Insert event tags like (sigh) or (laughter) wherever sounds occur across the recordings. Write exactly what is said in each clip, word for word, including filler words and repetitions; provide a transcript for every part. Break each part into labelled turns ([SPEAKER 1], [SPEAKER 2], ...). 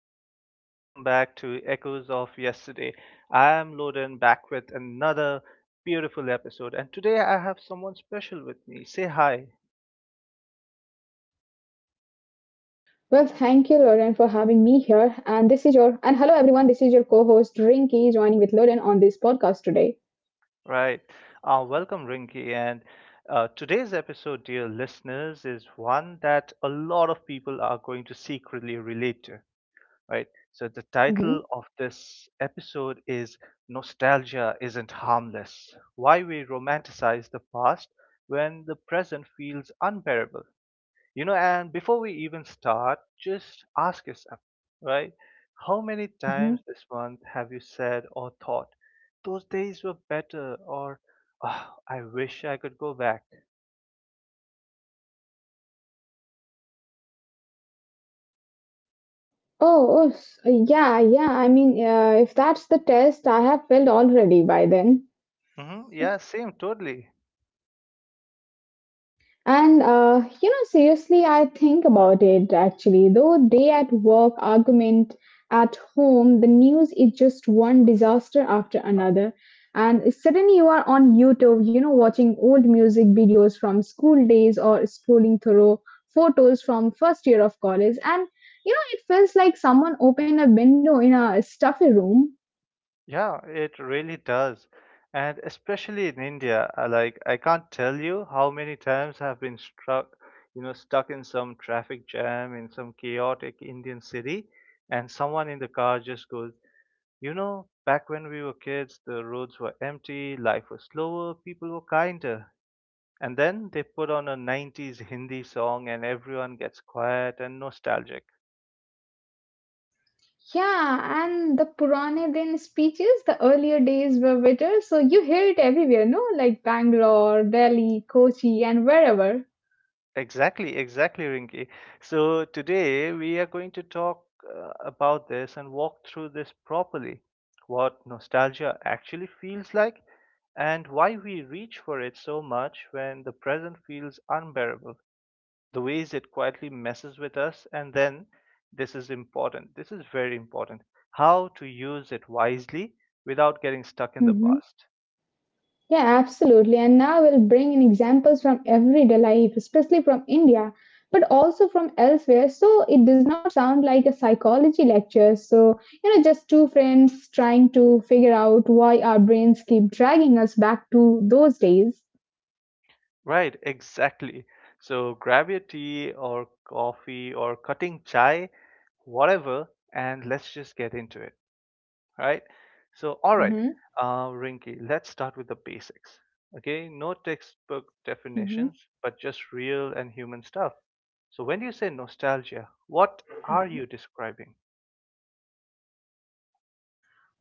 [SPEAKER 1] everyone, and welcome back to Echoes of Yesterday. I am Loden back with another beautiful episode, and today I have someone special with me. Say hi,
[SPEAKER 2] Well, thank you, Lauren, for having me here. And this is your, and hello, everyone. This is your co host, Rinky, joining with Lauren on this podcast today.
[SPEAKER 1] right? Uh, welcome, Rinky. And uh, today's episode, dear listeners, is one that a lot of people are going to secretly relate to. Right? So the
[SPEAKER 2] Hmm.
[SPEAKER 1] title of this episode is Nostalgia Isn't Harmless Why We Romanticize the Past When the Present Feels Unbearable. You know, and before we even start, just ask yourself, right? How many times this month have you said or thought, those days were better, or "Ah, I wish I could go back?"
[SPEAKER 2] Oh, oh, s- yeah, yeah. I mean, uh, if that's the test, I have failed already by then.
[SPEAKER 1] hmm Yeah, same, totally.
[SPEAKER 2] And uh, you know, seriously, I think about it actually. Though day at work, argument at home, the news is just one disaster after another. And suddenly you are on YouTube, you know, watching old music videos from school days or scrolling through photos from first year of college. And you know, it feels like someone opened a window in a stuffy room.
[SPEAKER 1] Yeah, it really does. And especially in India, uh, like I can't tell you how many times I've been struck, you know, stuck in some traffic jam in some chaotic Indian city, and someone in the car just goes, "You know, back when we were kids, the roads were empty, life was slower, people were kinder." And then they put on a nineties Hindi song and everyone gets quiet and nostalgic.
[SPEAKER 2] Yeah, and the Puranidin speeches, the earlier days were better, so you hear it everywhere, no? Like Bangalore, Delhi, Kochi, and wherever.
[SPEAKER 1] Exactly, exactly, Rinki. So today we are going to talk uh, about this and walk through this properly. What nostalgia actually feels like and why we reach for it so much when the present feels unbearable. The ways it quietly messes with us, and then this is important. This is very important. How to use it wisely without getting stuck in the
[SPEAKER 2] Hmm.
[SPEAKER 1] past.
[SPEAKER 2] Yeah, absolutely. And now we'll bring in examples from everyday life, especially from India, but also from elsewhere, so it does not sound like a psychology lecture. So, you know, just two friends trying to figure out why our brains keep dragging us back to those days.
[SPEAKER 1] Right, exactly. So grab your tea or coffee or cutting chai, whatever, and let's just get into it, right? So, all right,
[SPEAKER 2] Hmm.
[SPEAKER 1] uh, Rinky, let's start with the basics. Okay, no textbook
[SPEAKER 2] Hmm.
[SPEAKER 1] definitions, but just real and human stuff. So, when you say nostalgia, what are you describing?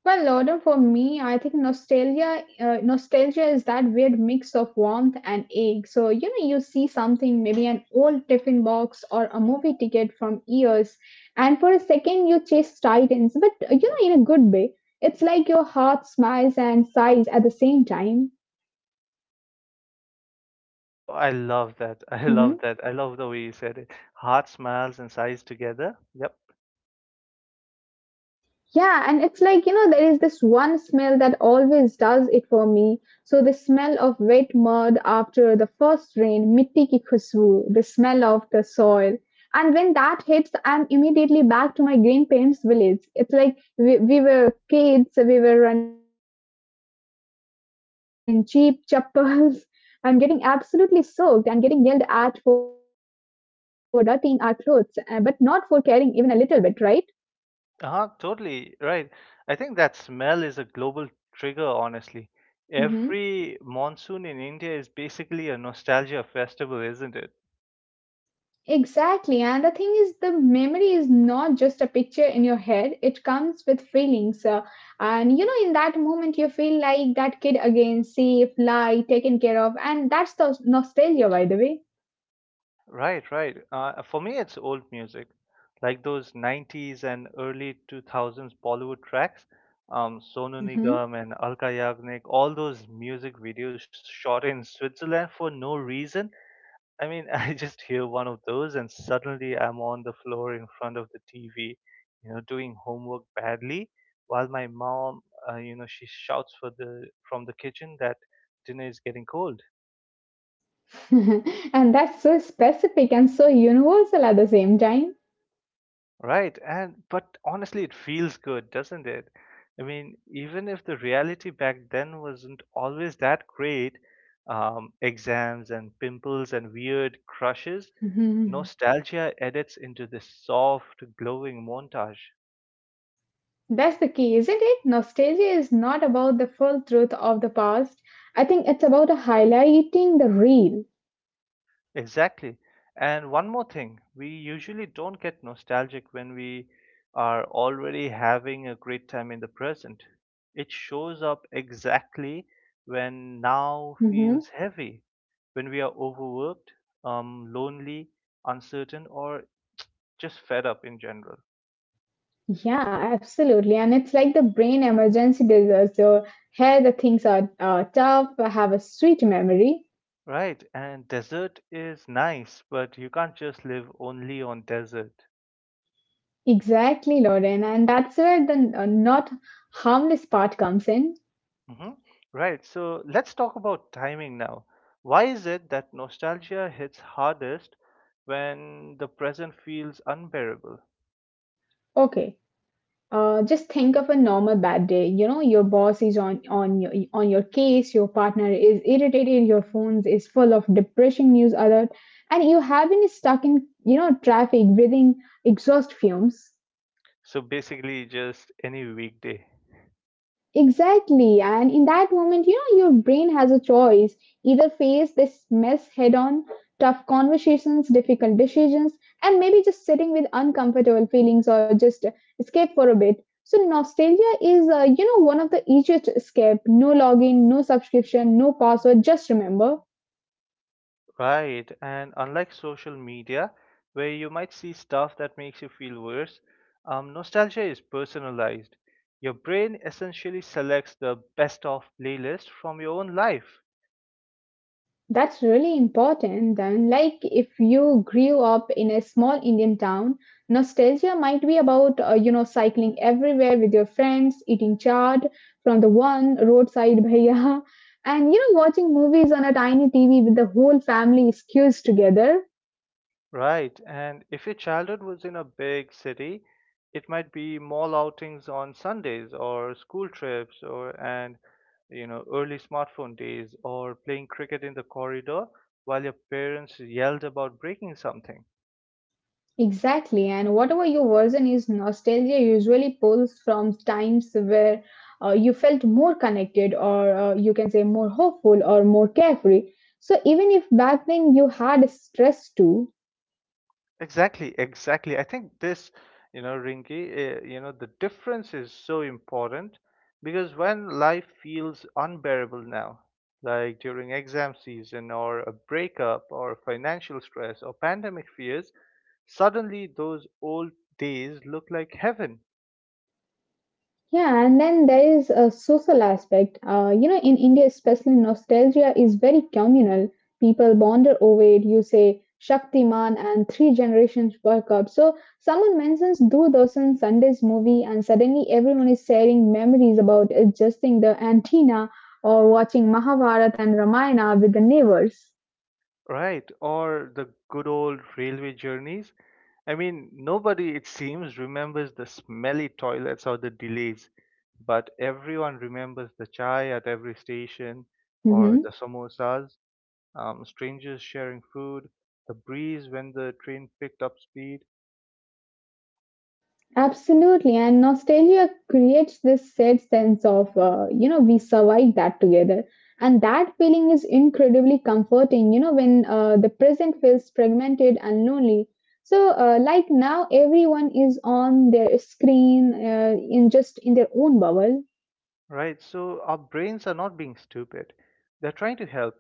[SPEAKER 2] Well, Lauren, for me, I think nostalgia, uh, nostalgia is that weird mix of warmth and ache. So you know, you see something, maybe an old tiffin box or a movie ticket from years, and for a second you chase titans, but uh, you know, in a good way. It's like your heart smiles and sighs at the same time.
[SPEAKER 1] Oh, I love that. (laughs) I love
[SPEAKER 2] Mhm.
[SPEAKER 1] that. I love the way you said it. Heart smiles and sighs together. Yep.
[SPEAKER 2] Yeah, and it's like, you know, there is this one smell that always does it for me. So the smell of wet mud after the first rain, mitti ki khushboo, the smell of the soil. And when that hits, I'm immediately back to my grandparents' village. It's like we, we were kids, we were running outside in cheap chappals (laughs) and getting absolutely soaked and getting yelled at for dirtying our clothes, uh, but not for caring even a little bit, right?
[SPEAKER 1] Ah, totally right. I think that smell is a global trigger, honestly. Every monsoon in India is basically a nostalgia festival, isn't it?
[SPEAKER 2] Exactly. And the thing is, the memory is not just a picture in your head, it comes with feelings. Uh, and you know, in that moment, you feel like that kid again, safe, light, taken care of. And that's the nostalgia, by the way.
[SPEAKER 1] Right, right. Uh, for me, it's old music, like those nineties and early two thousands Bollywood tracks, um, Sonu
[SPEAKER 2] Mhm.
[SPEAKER 1] Nigam and Alka Yagnik, all those music videos shot in Switzerland for no reason. I mean, (laughs) I just hear one of those, and suddenly I'm on the floor in front of the T V, you know, doing homework badly, while my mom, uh, you know, she shouts for the from the kitchen that dinner is getting cold,
[SPEAKER 2] (laughs) And that's so specific and so universal at the same time.
[SPEAKER 1] right? And but honestly, it feels good, doesn't it? I mean, even if the reality back then wasn't always that great, um, exams and pimples and weird crushes,
[SPEAKER 2] Mhm.
[SPEAKER 1] nostalgia edits into this soft, glowing montage.
[SPEAKER 2] That's the key, isn't it? Nostalgia is not about the full truth of the past. I think it's about highlighting the real.
[SPEAKER 1] Exactly. And one more thing, we usually don't get nostalgic when we are already having a great time in the present. It shows up exactly when now feels heavy, when we are overworked, um, lonely, uncertain, or just fed up in general.
[SPEAKER 2] Yeah, absolutely. And it's like the brain emergency disaster. Here the things are uh, tough, I have a sweet memory.
[SPEAKER 1] Right, and desert is nice, but you can't just live only on desert.
[SPEAKER 2] Exactly, Lauren. And that's where the uh, not harmless part comes in.
[SPEAKER 1] Hmm Right. So let's talk about timing now. Why is it that nostalgia hits hardest when the present feels unbearable?
[SPEAKER 2] Okay. Uh, just think of a normal bad day. You know, your boss is on on your on your case, your partner is irritated, your phone is full of depressing news alert, and you have been stuck in, you know, traffic breathing exhaust fumes.
[SPEAKER 1] So basically, just any weekday.
[SPEAKER 2] Exactly. And in that moment, you know, your brain has a choice. Either face this mess head on, tough conversations, difficult decisions, and maybe just sitting with uncomfortable feelings or just escape for a bit. So, nostalgia is, uh, you know, one of the easiest escape. No login, no subscription, no password, just remember.
[SPEAKER 1] Right, and unlike social media, where you might see stuff that makes you feel worse, um, nostalgia is personalized. Your brain essentially selects the best of playlist from your own life.
[SPEAKER 2] That's really important. Then, like if you grew up in a small Indian town, nostalgia might be about, uh, you know, cycling everywhere with your friends, eating chaat from the one roadside bhaiya, (laughs) and, you know, watching movies on a tiny T V with the whole family skews together.
[SPEAKER 1] Right, and if your childhood was in a big city, it might be mall outings on Sundays or school trips or and you know early smartphone days or playing cricket in the corridor while your parents yelled about breaking something.
[SPEAKER 2] Exactly, and whatever your version is, nostalgia usually pulls from times where uh, you felt more connected, or uh, you can say more hopeful, or more carefree. So, even if back then you had stress too,
[SPEAKER 1] Exactly, exactly. I think this, you know, Ringy, uh, you know, the difference is so important because when life feels unbearable now, like during exam season or a breakup or financial stress or pandemic fears, suddenly those old days look like heaven.
[SPEAKER 2] yeah, and then there is a social aspect. Uh, you know, in India, especially nostalgia is very communal. People bonder over it. You say Shaktiman, and three generations work up. So someone mentions Doordarshan Sunday's movie, and suddenly everyone is sharing memories about adjusting the antenna or watching Mahabharata and Ramayana with the neighbors.
[SPEAKER 1] Right, or the good old railway journeys. I mean, nobody, it seems, remembers the smelly toilets or the delays, but everyone remembers the chai at every station or
[SPEAKER 2] Mhm.
[SPEAKER 1] the samosas, um, strangers sharing food, the breeze when the train picked up speed.
[SPEAKER 2] Absolutely, and nostalgia creates this said sense of, uh, you know, we survived that together. And that feeling is incredibly comforting, you know, when uh, the present feels fragmented and lonely. So, uh, like now, everyone is on their screen, uh, in just in their own bubble.
[SPEAKER 1] Right, so our brains are not being stupid. They're trying to help.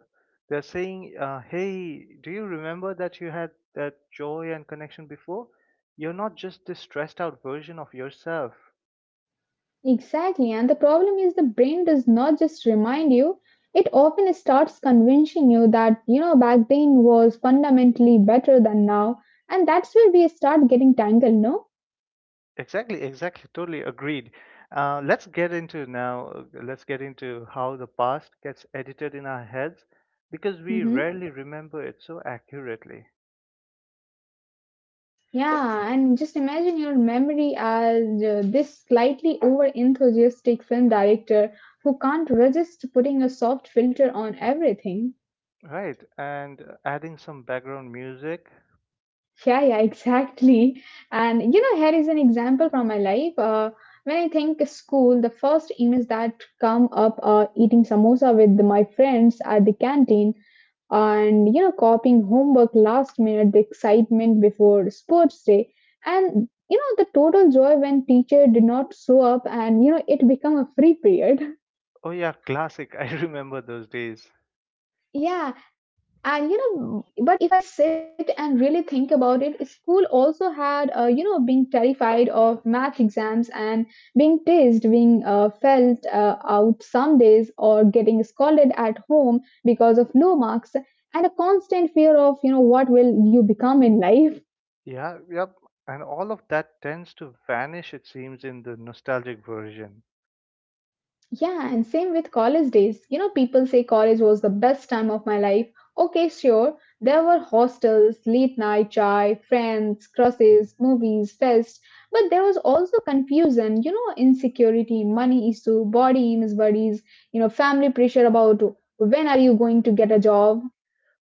[SPEAKER 1] They're saying, uh, hey, do you remember that you had that joy and connection before? You're not just this stressed out version of yourself.
[SPEAKER 2] Exactly, and the problem is the brain does not just remind you, it often starts convincing you that, you know, back then was fundamentally better than now. And that's where we start getting tangled, no?
[SPEAKER 1] Exactly, exactly, totally agreed. Uh, let's get into now, uh, let's get into how the past gets edited in our heads because we
[SPEAKER 2] Hmm.
[SPEAKER 1] rarely remember it so accurately.
[SPEAKER 2] Yeah, and just imagine your memory as uh, this slightly over enthusiastic film director who can't resist putting a soft filter on everything.
[SPEAKER 1] Right, and uh, adding some background music.
[SPEAKER 2] Yeah, yeah, exactly. And you know, here is an example from my life. Uh, when I think school, the first images that come up are eating samosa with my friends at the canteen, and you know, copying homework last minute, the excitement before sports day, and you know, the total joy when teacher did not show up, and you know, it become a free period. (laughs)
[SPEAKER 1] Oh, yeah, classic. (laughs) I remember those days.
[SPEAKER 2] Yeah, and you know, but if I sit and really think about it, school also had, uh, you know, being terrified of math exams and being teased, being uh, felt uh, out some days, or getting scolded at home because of low marks, and a constant fear of, you know, what will you become in life.
[SPEAKER 1] Yeah, yep. And all of that tends to vanish, it seems, in the nostalgic version.
[SPEAKER 2] Yeah, and same with college days. You know, people say college was the best time of my life. Okay, sure. There were hostels, late night chai, friends, crosses, movies, fests. But there was also confusion, you know, insecurity, money issue, body image worries, you know, family pressure about when are you going to get a job.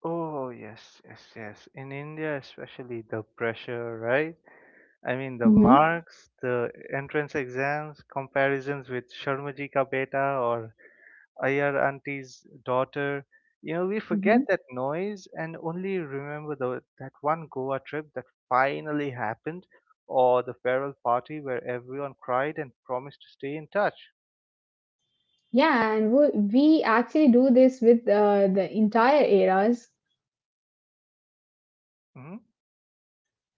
[SPEAKER 1] Oh, yes, yes, yes. In India, especially, the pressure, right? I mean, the
[SPEAKER 2] Hmm.
[SPEAKER 1] marks, the entrance exams, comparisons with Sharmaji ka beta or Iyer auntie's daughter. You know, we
[SPEAKER 2] Hmm.
[SPEAKER 1] forget that noise and only remember the, that one Goa trip that finally happened or the farewell party where everyone cried and promised to stay in touch.
[SPEAKER 2] Yeah, and we, we actually do this with uh, the entire eras.
[SPEAKER 1] Mm-hmm.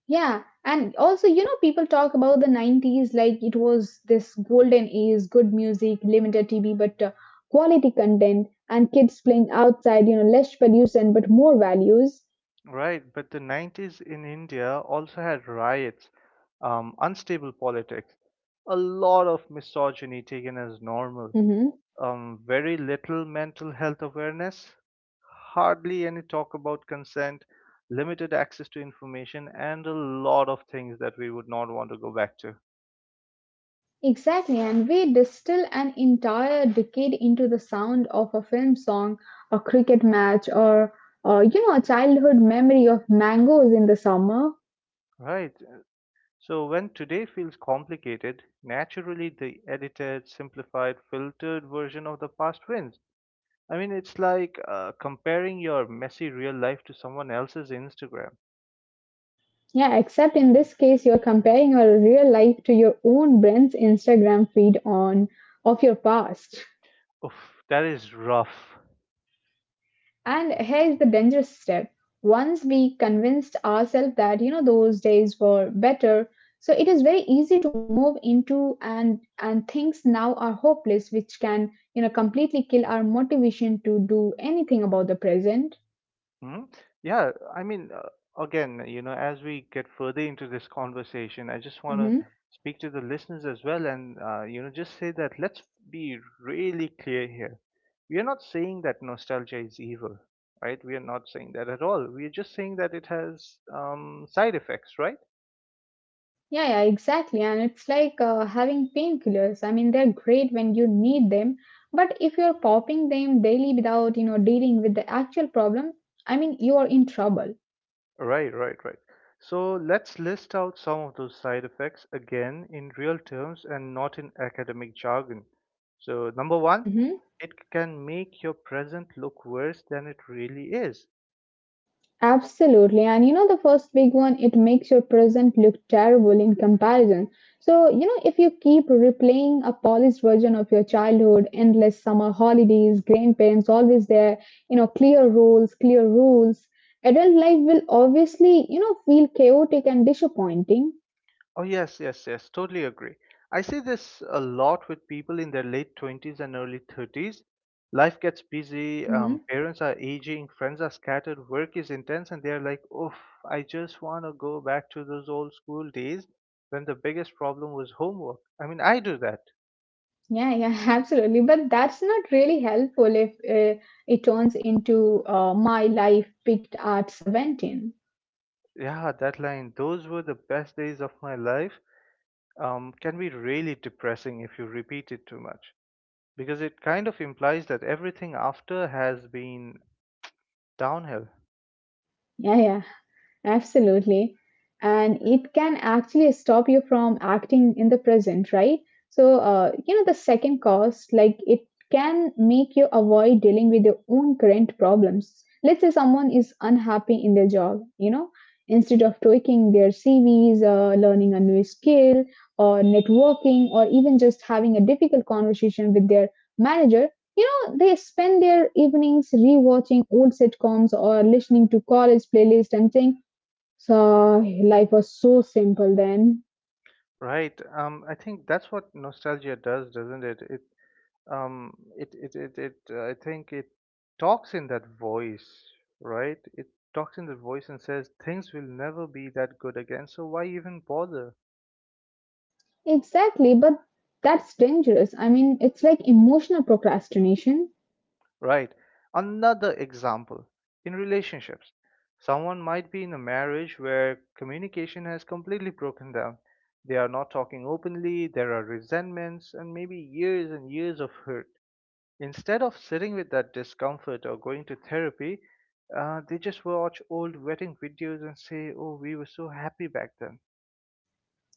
[SPEAKER 2] Yeah, and also, you know, people talk about the nineties like it was this golden age, good music, limited T V, but uh, quality content, and kids playing outside, you know, less pollution, but more values.
[SPEAKER 1] Right, but the nineties in India also had riots, um, unstable politics, a lot of misogyny taken as normal,
[SPEAKER 2] Hmm.
[SPEAKER 1] um, very little mental health awareness, hardly any talk about consent, limited access to information, and a lot of things that we would not want to go back to.
[SPEAKER 2] Exactly, and we distill an entire decade into the sound of a film song, a cricket match, or, uh, you know, a childhood memory of mangoes in the summer.
[SPEAKER 1] Right. So when today feels complicated, naturally the edited, simplified, filtered version of the past wins. I mean, it's like uh, comparing your messy real life to someone else's Instagram.
[SPEAKER 2] Yeah, except in this case, you're comparing your real life to your own brand's Instagram feed on of your past.
[SPEAKER 1] Oof, that is rough.
[SPEAKER 2] And here is the dangerous step. Once we convinced ourselves that you know those days were better, so it is very easy to move into and and things now are hopeless, which can you know completely kill our motivation to do anything about the present.
[SPEAKER 1] Hmm? Yeah, I mean, uh, again, you know, as we get further into this conversation, I just want to
[SPEAKER 2] Mhm.
[SPEAKER 1] speak to the listeners as well, and uh, you know, just say that let's be really clear here. We are not saying that nostalgia is evil, right? We are not saying that at all. We are just saying that it has um, side effects, right?
[SPEAKER 2] Yeah, yeah, exactly. And it's like uh, having painkillers. I mean, they're great when you need them, but if you're popping them daily without, you know, dealing with the actual problem, I mean, you are in trouble.
[SPEAKER 1] Right, right, right. So let's list out some of those side effects again in real terms and not in academic jargon. So, number one,
[SPEAKER 2] Mhm.
[SPEAKER 1] it can make your present look worse than it really is.
[SPEAKER 2] Absolutely. And you know, the first big one, it makes your present look terrible in comparison. So, you know, if you keep replaying a polished version of your childhood, endless summer holidays, grandparents always there, you know, clear roles, clear rules, adult life will obviously, you know, feel chaotic and disappointing.
[SPEAKER 1] Oh, yes, yes, yes, totally agree. I see this a lot with people in their late twenties and early thirties. Life gets busy,
[SPEAKER 2] Hmm.
[SPEAKER 1] um, parents are aging, friends are scattered, work is intense, and they're like, oof, I just want to go back to those old school days when the biggest problem was homework. I mean, I do that.
[SPEAKER 2] Yeah, yeah, (laughs) absolutely. But that's not really helpful if uh, it turns into uh, my life picked at seventeen.
[SPEAKER 1] Yeah, that line, those were the best days of my life, um, can be really depressing if you repeat it too much because it kind of implies that everything after has been downhill.
[SPEAKER 2] Yeah, yeah. Absolutely. And it can actually stop you from acting in the present, right? So, uh, you know, the second cost, like it can make you avoid dealing with your own current problems. Let's say someone is unhappy in their job, you know, instead of tweaking their C Vs, uh, learning a new skill, or networking, or even just having a difficult conversation with their manager, you know they spend their evenings rewatching old sitcoms or listening to college playlist and things so life was so simple then.
[SPEAKER 1] Right. Um, I think that's what nostalgia does, doesn't it? It, um, it, it, it, it uh, I think it talks in that voice, right? It talks in that voice and says things will never be that good again, so why even bother?
[SPEAKER 2] Exactly, but that's dangerous. I mean, it's like emotional procrastination.
[SPEAKER 1] Right. Another example in relationships. Someone might be in a marriage where communication has completely broken down. They are not talking openly, there are resentments, and maybe years and years of hurt. Instead of sitting with that discomfort or going to therapy, uh, they just watch old wedding videos and say, "Oh, we were so happy back then."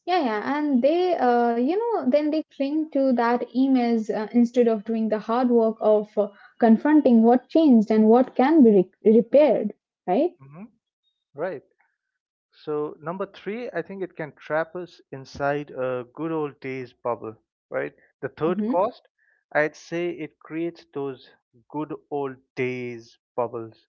[SPEAKER 2] Yeah, yeah, and they, uh, you know, then they cling to that emails uh, instead of doing the hard work of uh, confronting what changed and what can be re- repaired, right?
[SPEAKER 1] hmm Right. So number three, I think it can trap us inside a good old days bubble. Right. The third
[SPEAKER 2] Hmm.
[SPEAKER 1] cost, I'd say it creates those good old days bubbles.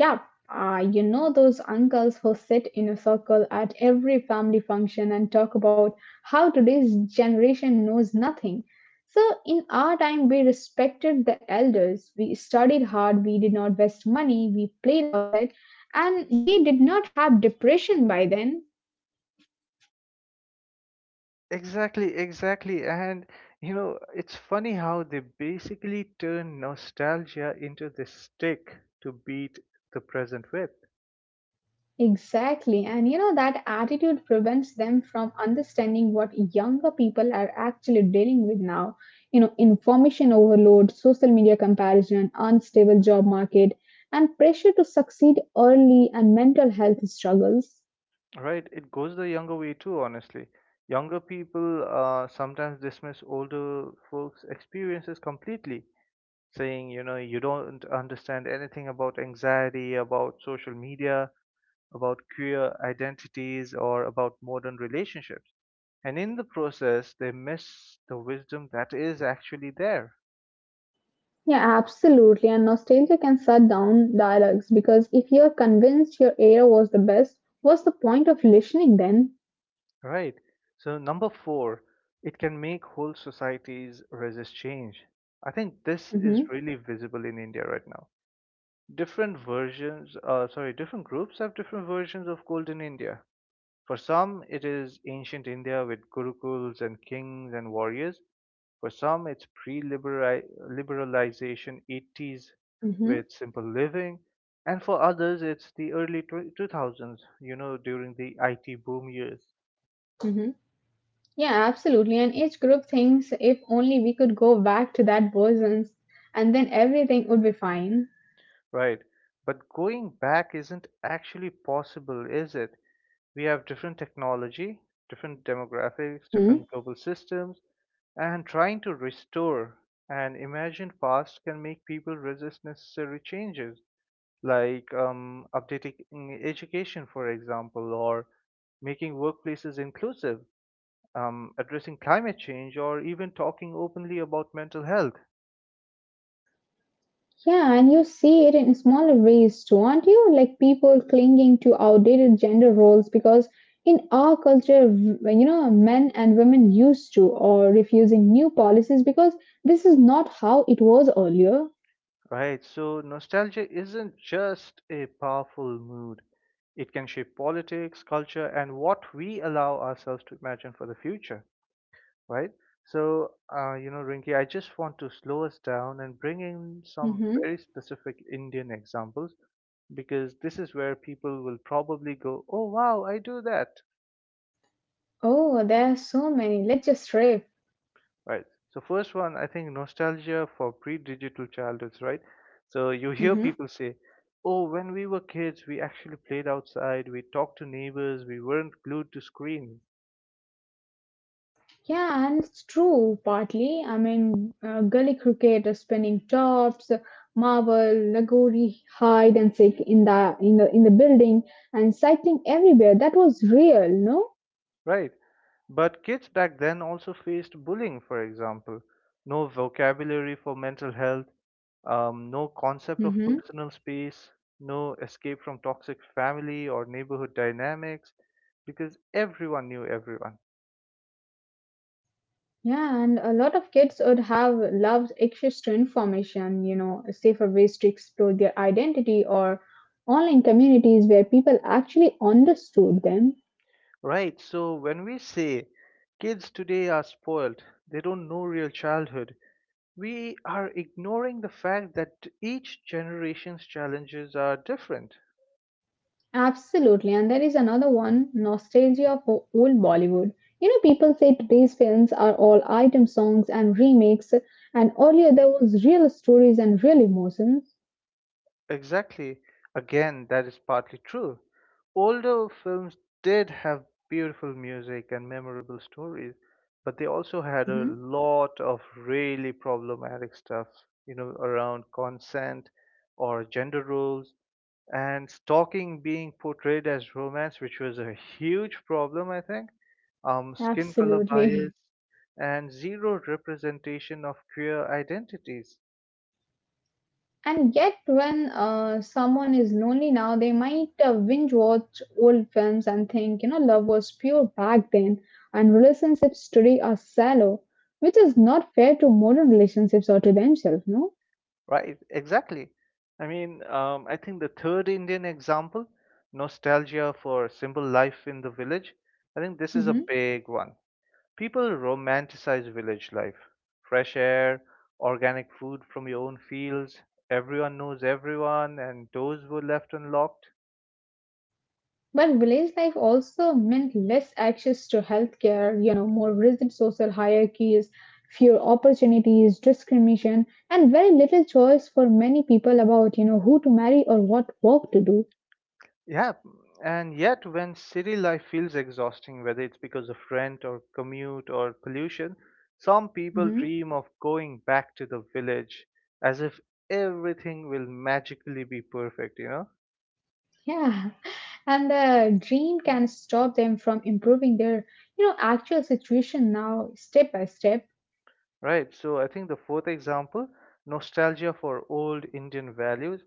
[SPEAKER 2] Yeah, Uh, you know those uncles who sit in a circle at every family function and talk about how today's generation knows nothing. So, in our time, we respected the elders. We studied hard. We did not waste money. We played outside. And we did not have depression by then.
[SPEAKER 1] Exactly, exactly. And you know, it's funny how they basically turn nostalgia into the stick to beat the present with.
[SPEAKER 2] Exactly. And you know, that attitude prevents them from understanding what younger people are actually dealing with now. You know, information overload, social media comparison, unstable job market, and pressure to succeed early and mental health struggles.
[SPEAKER 1] Right? It goes the younger way too, honestly. Younger people uh, sometimes dismiss older folks' experiences completely, saying, you know, you don't understand anything about anxiety, about social media, about queer identities, or about modern relationships. And in the process, they miss the wisdom that is actually there,
[SPEAKER 2] Yeah, absolutely. And nostalgia can shut down dialogues because if you're convinced your era was the best, what's the point of listening then?
[SPEAKER 1] right? So, number four, it can make whole societies resist change. I think this
[SPEAKER 2] Mm-hmm,
[SPEAKER 1] is really visible in India right now. Different versions, uh, sorry, different groups have different versions of golden India. For some, it is ancient India with gurukuls and kings and warriors. For some, it's pre-liberalization eighties with
[SPEAKER 2] mm-hmm,
[SPEAKER 1] simple living, and for others, it's the early tw two thousands, you know, during the I T boom years,
[SPEAKER 2] mm-hmm. Yeah, absolutely. And each group thinks if only we could go back to that bosoms and then everything would be fine.
[SPEAKER 1] right? But going back isn't actually possible, is it? We have different technology, different demographics,
[SPEAKER 2] Mm-hmm.
[SPEAKER 1] different global systems, and trying to restore an imagined past can make people resist necessary changes. Like um, updating education, for example, or making workplaces inclusive, um, addressing climate change, or even talking openly about mental health,
[SPEAKER 2] Yeah, and you see it in smaller ways too, aren't you? Like people clinging to outdated gender roles because in our culture, v- you know, men and women used to, or refusing new policies because this is not how it was earlier.
[SPEAKER 1] right? So, nostalgia isn't just a powerful mood, it can shape politics, culture, and what we allow ourselves to imagine for the future, right? So, uh, you know, Rinki, I just want to slow us down and bring in some
[SPEAKER 2] Mm-hmm.
[SPEAKER 1] very specific Indian examples because this is where people will probably go, oh wow, I do that.
[SPEAKER 2] Oh, there are so many. Let's just rip.
[SPEAKER 1] Right. So first one, I think nostalgia for pre-digital childhoods, right? So you hear
[SPEAKER 2] Mm-hmm.
[SPEAKER 1] people say, oh, when we were kids, we actually played outside, we talked to neighbors, we weren't glued to screens.
[SPEAKER 2] Yeah, and it's true partly. I mean, uh, gully cricket, uh, spinning tops, uh, marble, lagori, hide and seek in the in the in the building, and cycling everywhere. That was real, no?
[SPEAKER 1] Right. But kids back then also faced bullying, for example. No vocabulary for mental health, um, no concept of
[SPEAKER 2] Mm-hmm.
[SPEAKER 1] personal space, no escape from toxic family or neighborhood dynamics, because everyone knew everyone.
[SPEAKER 2] Yeah, and a lot of kids would have loved extra information. You know, safer ways to explore their identity or online communities where people actually understood them.
[SPEAKER 1] Right, so when we say kids today are spoiled, they don't know real childhood, we are ignoring the fact that each generation's challenges are different.
[SPEAKER 2] Absolutely, and there is another one: nostalgia for old Bollywood. You know, people say today's films are all item songs and remakes, and earlier there was real stories and real emotions.
[SPEAKER 1] Exactly. Again, that is partly true. Older films did have beautiful music and memorable stories, but they also had a
[SPEAKER 2] Hmm.
[SPEAKER 1] lot of really problematic stuff, you know, around consent or gender roles and stalking being portrayed as romance, which was a huge problem, I think. Um, skin color
[SPEAKER 2] Absolutely.
[SPEAKER 1] bias and zero representation of queer identities.
[SPEAKER 2] And yet, when uh, someone is lonely now, they might uh, binge watch old films and think, you know, love was pure back then, and relationships today are shallow, which is not fair to modern relationships or to themselves, no?
[SPEAKER 1] Right, exactly. I mean, um, I think the third Indian example, nostalgia for simple life in the village, I think this is a big one. People romanticize village life, fresh air, organic food from your own fields, everyone knows everyone, and doors were left unlocked.
[SPEAKER 2] But village life also meant less access to healthcare, you know, more rigid social hierarchies, fewer opportunities, discrimination, and very little choice for many people about, you know, who to marry or what work to do.
[SPEAKER 1] Yeah, and yet when city life feels exhausting, whether it's because of rent or commute or pollution, some people
[SPEAKER 2] Hmm.
[SPEAKER 1] dream of going back to the village as if everything will magically be perfect, you know?
[SPEAKER 2] Yeah, and the dream can stop them from improving their, you know, actual situation now, step by step.
[SPEAKER 1] Right, so I think the fourth example, nostalgia for old Indian values.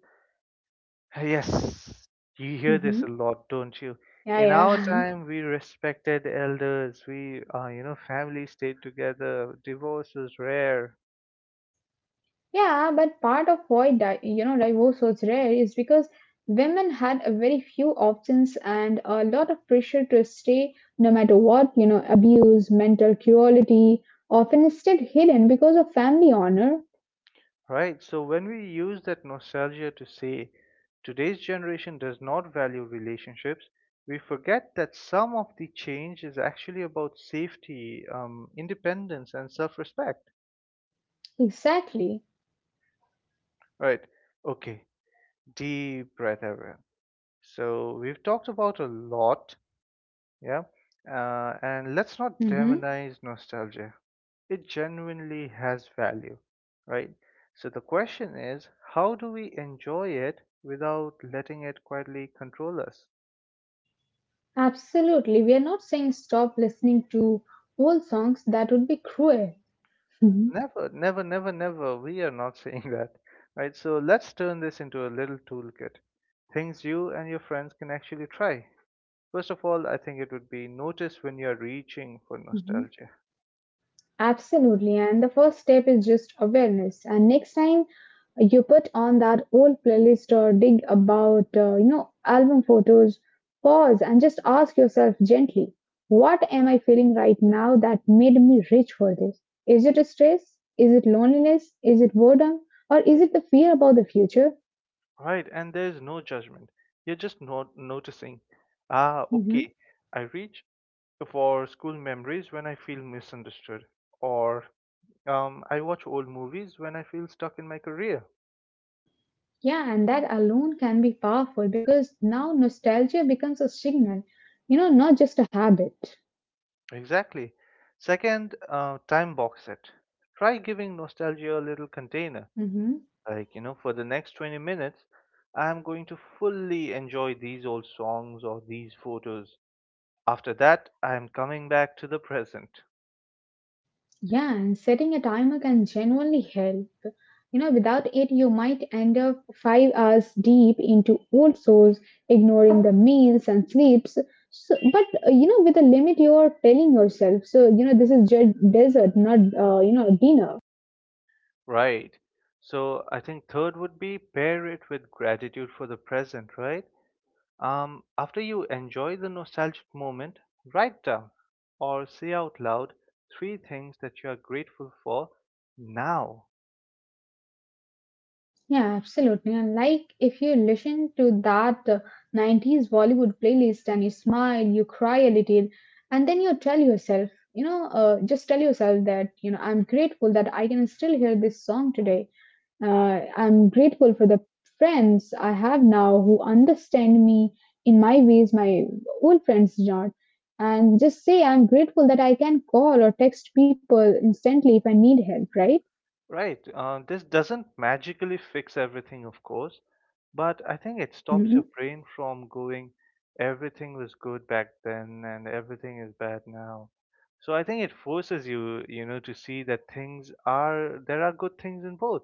[SPEAKER 1] Yes, you hear this a
[SPEAKER 2] Hmm.
[SPEAKER 1] lot, don't you?
[SPEAKER 2] Yeah,
[SPEAKER 1] In our
[SPEAKER 2] yeah. (laughs)
[SPEAKER 1] time, we respected elders, we, uh, you know, family stayed together, divorce was rare.
[SPEAKER 2] Yeah, but part of why di- you know divorce was so rare is because women had a very few options and a lot of pressure to stay no matter what, you know, abuse, mental cruelty, often stayed hidden because of family honor.
[SPEAKER 1] Right. So when we use that nostalgia to say today's generation does not value relationships, we forget that some of the change is actually about safety, um, independence, and self respect.
[SPEAKER 2] Exactly.
[SPEAKER 1] Right. Okay. Deep breath, everyone. So we've talked about a lot. Yeah. Uh, and let's not
[SPEAKER 2] Hmm.
[SPEAKER 1] demonize nostalgia. It genuinely has value, right? So the question is, how do we enjoy it without letting it quietly control us?
[SPEAKER 2] Absolutely. We are not saying stop listening to old songs. That would be cruel. Mhm.
[SPEAKER 1] Never, never, never, never. We are not (laughs) saying that, right? So let's turn this into a little toolkit. Things you and your friends can actually try. First of all, I think it would be notice when you're reaching for
[SPEAKER 2] Mhm.
[SPEAKER 1] nostalgia,
[SPEAKER 2] Absolutely. And the first step is just awareness. And next time you put on that old playlist or dig about, uh, you know, album photos, pause and just ask yourself gently, what am I feeling right now that made me reach for this? Is it stress? Is it loneliness? Is it boredom? Or is it the fear about the future?
[SPEAKER 1] right? And there's no judgment. You're just not noticing. Ah, okay.
[SPEAKER 2] Hmm.
[SPEAKER 1] I reach for school memories when I feel misunderstood, or um, I watch old movies when I feel stuck in my career.
[SPEAKER 2] Yeah, and that alone can be powerful because now nostalgia becomes a signal, you know, not just a habit.
[SPEAKER 1] Exactly. Second, uh, time box it. Try giving nostalgia a little container.
[SPEAKER 2] Hmm.
[SPEAKER 1] Like, you know, for the next twenty minutes, I'm going to fully enjoy these old songs or these photos. After that, I'm coming back to the present.
[SPEAKER 2] Yeah, and setting a timer can genuinely help. You know, without it, you might end up five hours deep into old souls, ignoring the meals and sleeps. So, but uh, you know, with a limit, you're telling yourself, so you know, this is just dessert, not uh, you know, dinner.
[SPEAKER 1] Right. So I think third would be pair it with gratitude for the present, right? Um, after you enjoy the nostalgic moment, write down or say out loud three things that you are grateful for now.
[SPEAKER 2] Yeah, absolutely. And like if you listen to that uh, nineties Bollywood playlist and you smile, you cry a little, and then you tell yourself, you know, uh, just tell yourself that, you know, I'm grateful that I can still hear this song today. Uh, I'm grateful for the friends I have now who understand me in my ways my old friends did not. And just say, I'm grateful that I can call or text people instantly if I need help, right?
[SPEAKER 1] Right? Uh, this doesn't magically fix everything, of course, but I think it stops your
[SPEAKER 2] Mhm.
[SPEAKER 1] brain from going, everything was good back then and everything is bad now. So I think it forces you, you know, to see that things are, there are good things in both.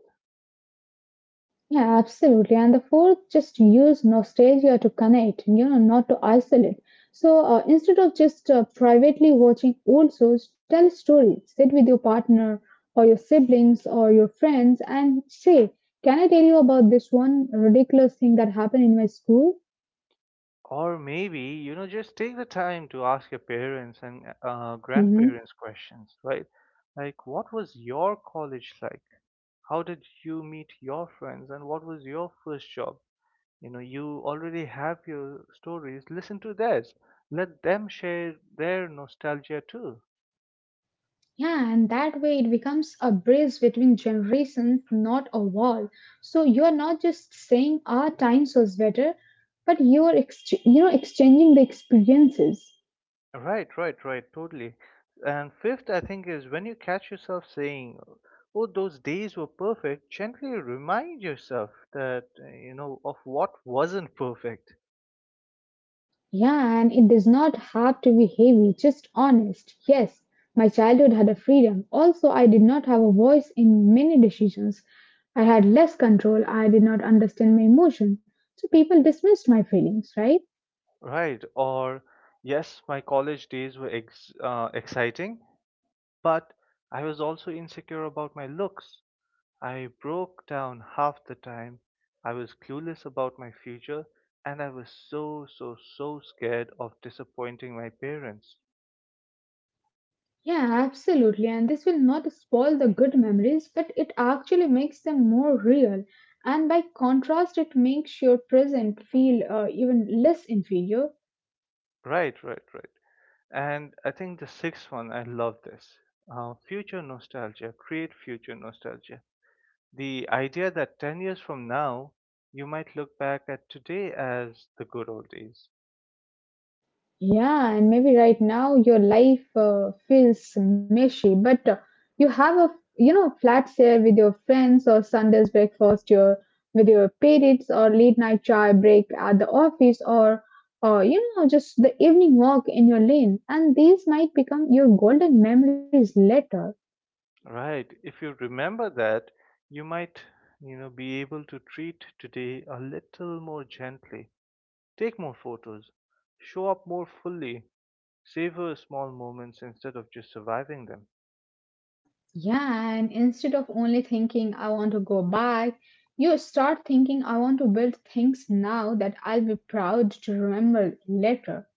[SPEAKER 2] Yeah, absolutely. And the fourth, just use nostalgia to connect, you know, not to isolate. So uh, instead of just uh, privately watching old shows, tell a story. Sit with your partner or your siblings or your friends and say, can I tell you about this one ridiculous thing that happened in my school?
[SPEAKER 1] Or maybe, you know, just take the time to ask your parents and uh,
[SPEAKER 2] Mhm.
[SPEAKER 1] grandparents questions, right? Like, what was your college like? How did you meet your friends? And what was your first job? You know, you already have your stories. Listen to theirs. Let them share their nostalgia too.
[SPEAKER 2] Yeah, and that way it becomes a bridge between generations, not a wall. So you're not just saying our times was better, but you're ex- you know exchanging the experiences.
[SPEAKER 1] Right, right, right, totally. And fifth, I think, is when you catch yourself saying, "Oh, those days were perfect," gently remind yourself, that, uh, you know, of what wasn't perfect,
[SPEAKER 2] Yeah, and it does not have to be heavy, just honest. Yes, my childhood had a freedom. Also, I did not have a voice in many decisions. I had less control. I did not understand my emotion. So people dismissed my feelings, right?
[SPEAKER 1] right? Or, yes, my college days were ex- uh, exciting, but I was also insecure about my looks. I broke down half the time. I was clueless about my future, and I was so, so, so scared of disappointing my parents.
[SPEAKER 2] Yeah, absolutely. And this will not spoil the good memories, but it actually makes them more real. And by contrast, it makes your present feel uh, even less inferior.
[SPEAKER 1] Right, right, right. And I think the sixth one, I love this. Uh, future nostalgia, create future nostalgia. The idea that ten years from now, you might look back at today as the good old days.
[SPEAKER 2] Yeah, and maybe right now your life uh, feels meshy, but uh, you have a, you know, flat share with your friends or Sunday's breakfast your with your parents or late night chai break at the office or or you know just the evening walk in your lane, and these might become your golden memories later.
[SPEAKER 1] Right. If you remember that, you might, you know, be able to treat today a little more gently. Take more photos, show up more fully, savor small moments instead of just surviving them.
[SPEAKER 2] Yeah, and instead of only thinking I want to go back, you start thinking I want to build things now that I'll be proud to remember later.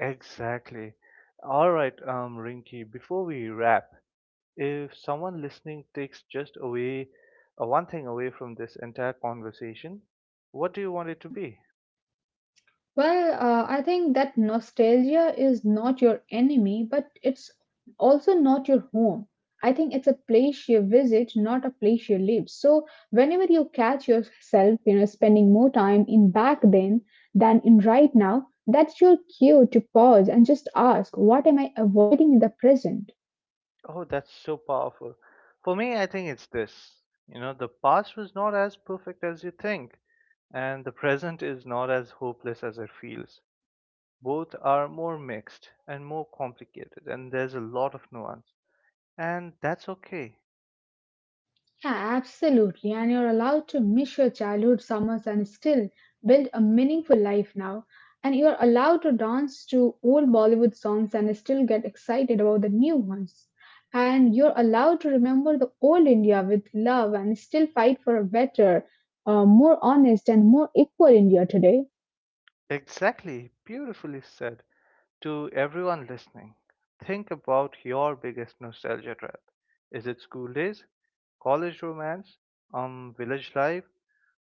[SPEAKER 1] Exactly. All right, um, Rinky, before we wrap, if someone listening takes just away uh, one thing away from this entire conversation, what do you want it to
[SPEAKER 2] Hmm?
[SPEAKER 1] be?
[SPEAKER 2] Well, uh, I think that nostalgia is not your enemy, but it's also not your home. I think it's a place you visit, not a place you live. So whenever you catch yourself, you know, spending more time in back then than in right now, that's your cue to pause and just ask, what am I avoiding in the present?
[SPEAKER 1] Oh, that's so powerful. For me, I think it's this. You know, the past was not as perfect as you think, and the present is not as hopeless as it feels. Both are more mixed and more complicated, and there's a lot of nuance. And that's okay.
[SPEAKER 2] Yeah, absolutely. And you're allowed to miss your childhood summers and still build a meaningful life now. And you're allowed to dance to old Bollywood songs and still get excited about the new ones. And you're allowed to remember the old India with love and still fight for a better, uh, more honest, and more equal India today.
[SPEAKER 1] Exactly. Beautifully said. To everyone listening, think about your biggest nostalgia trip. Is it school days, college romance, um, village life,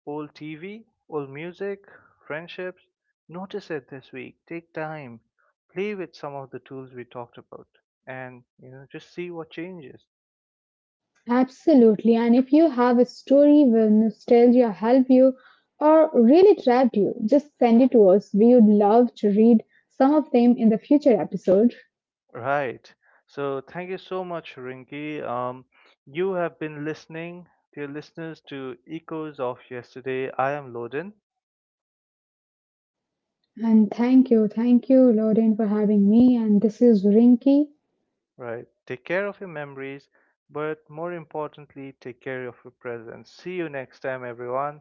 [SPEAKER 1] old T V, old music, friendships? Notice it this week. Take time, play with some of the tools we talked about, and you know just see what changes.
[SPEAKER 2] Absolutely. And if you have a story where nostalgia helped you or really trapped you, just send it to us. We would love to read some of them in the future episode.
[SPEAKER 1] Right. So thank you so much, Rinki. Um, you have been listening, dear listeners, to Echoes of Yesterday. I am Loden.
[SPEAKER 2] And thank you, thank you, Lauren, for having me. And this is Rinky.
[SPEAKER 1] Right. Take care of your memories, but more importantly, take care of your present. See you next time, everyone.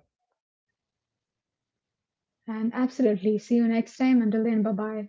[SPEAKER 2] And absolutely, see you next time. Until then, bye bye.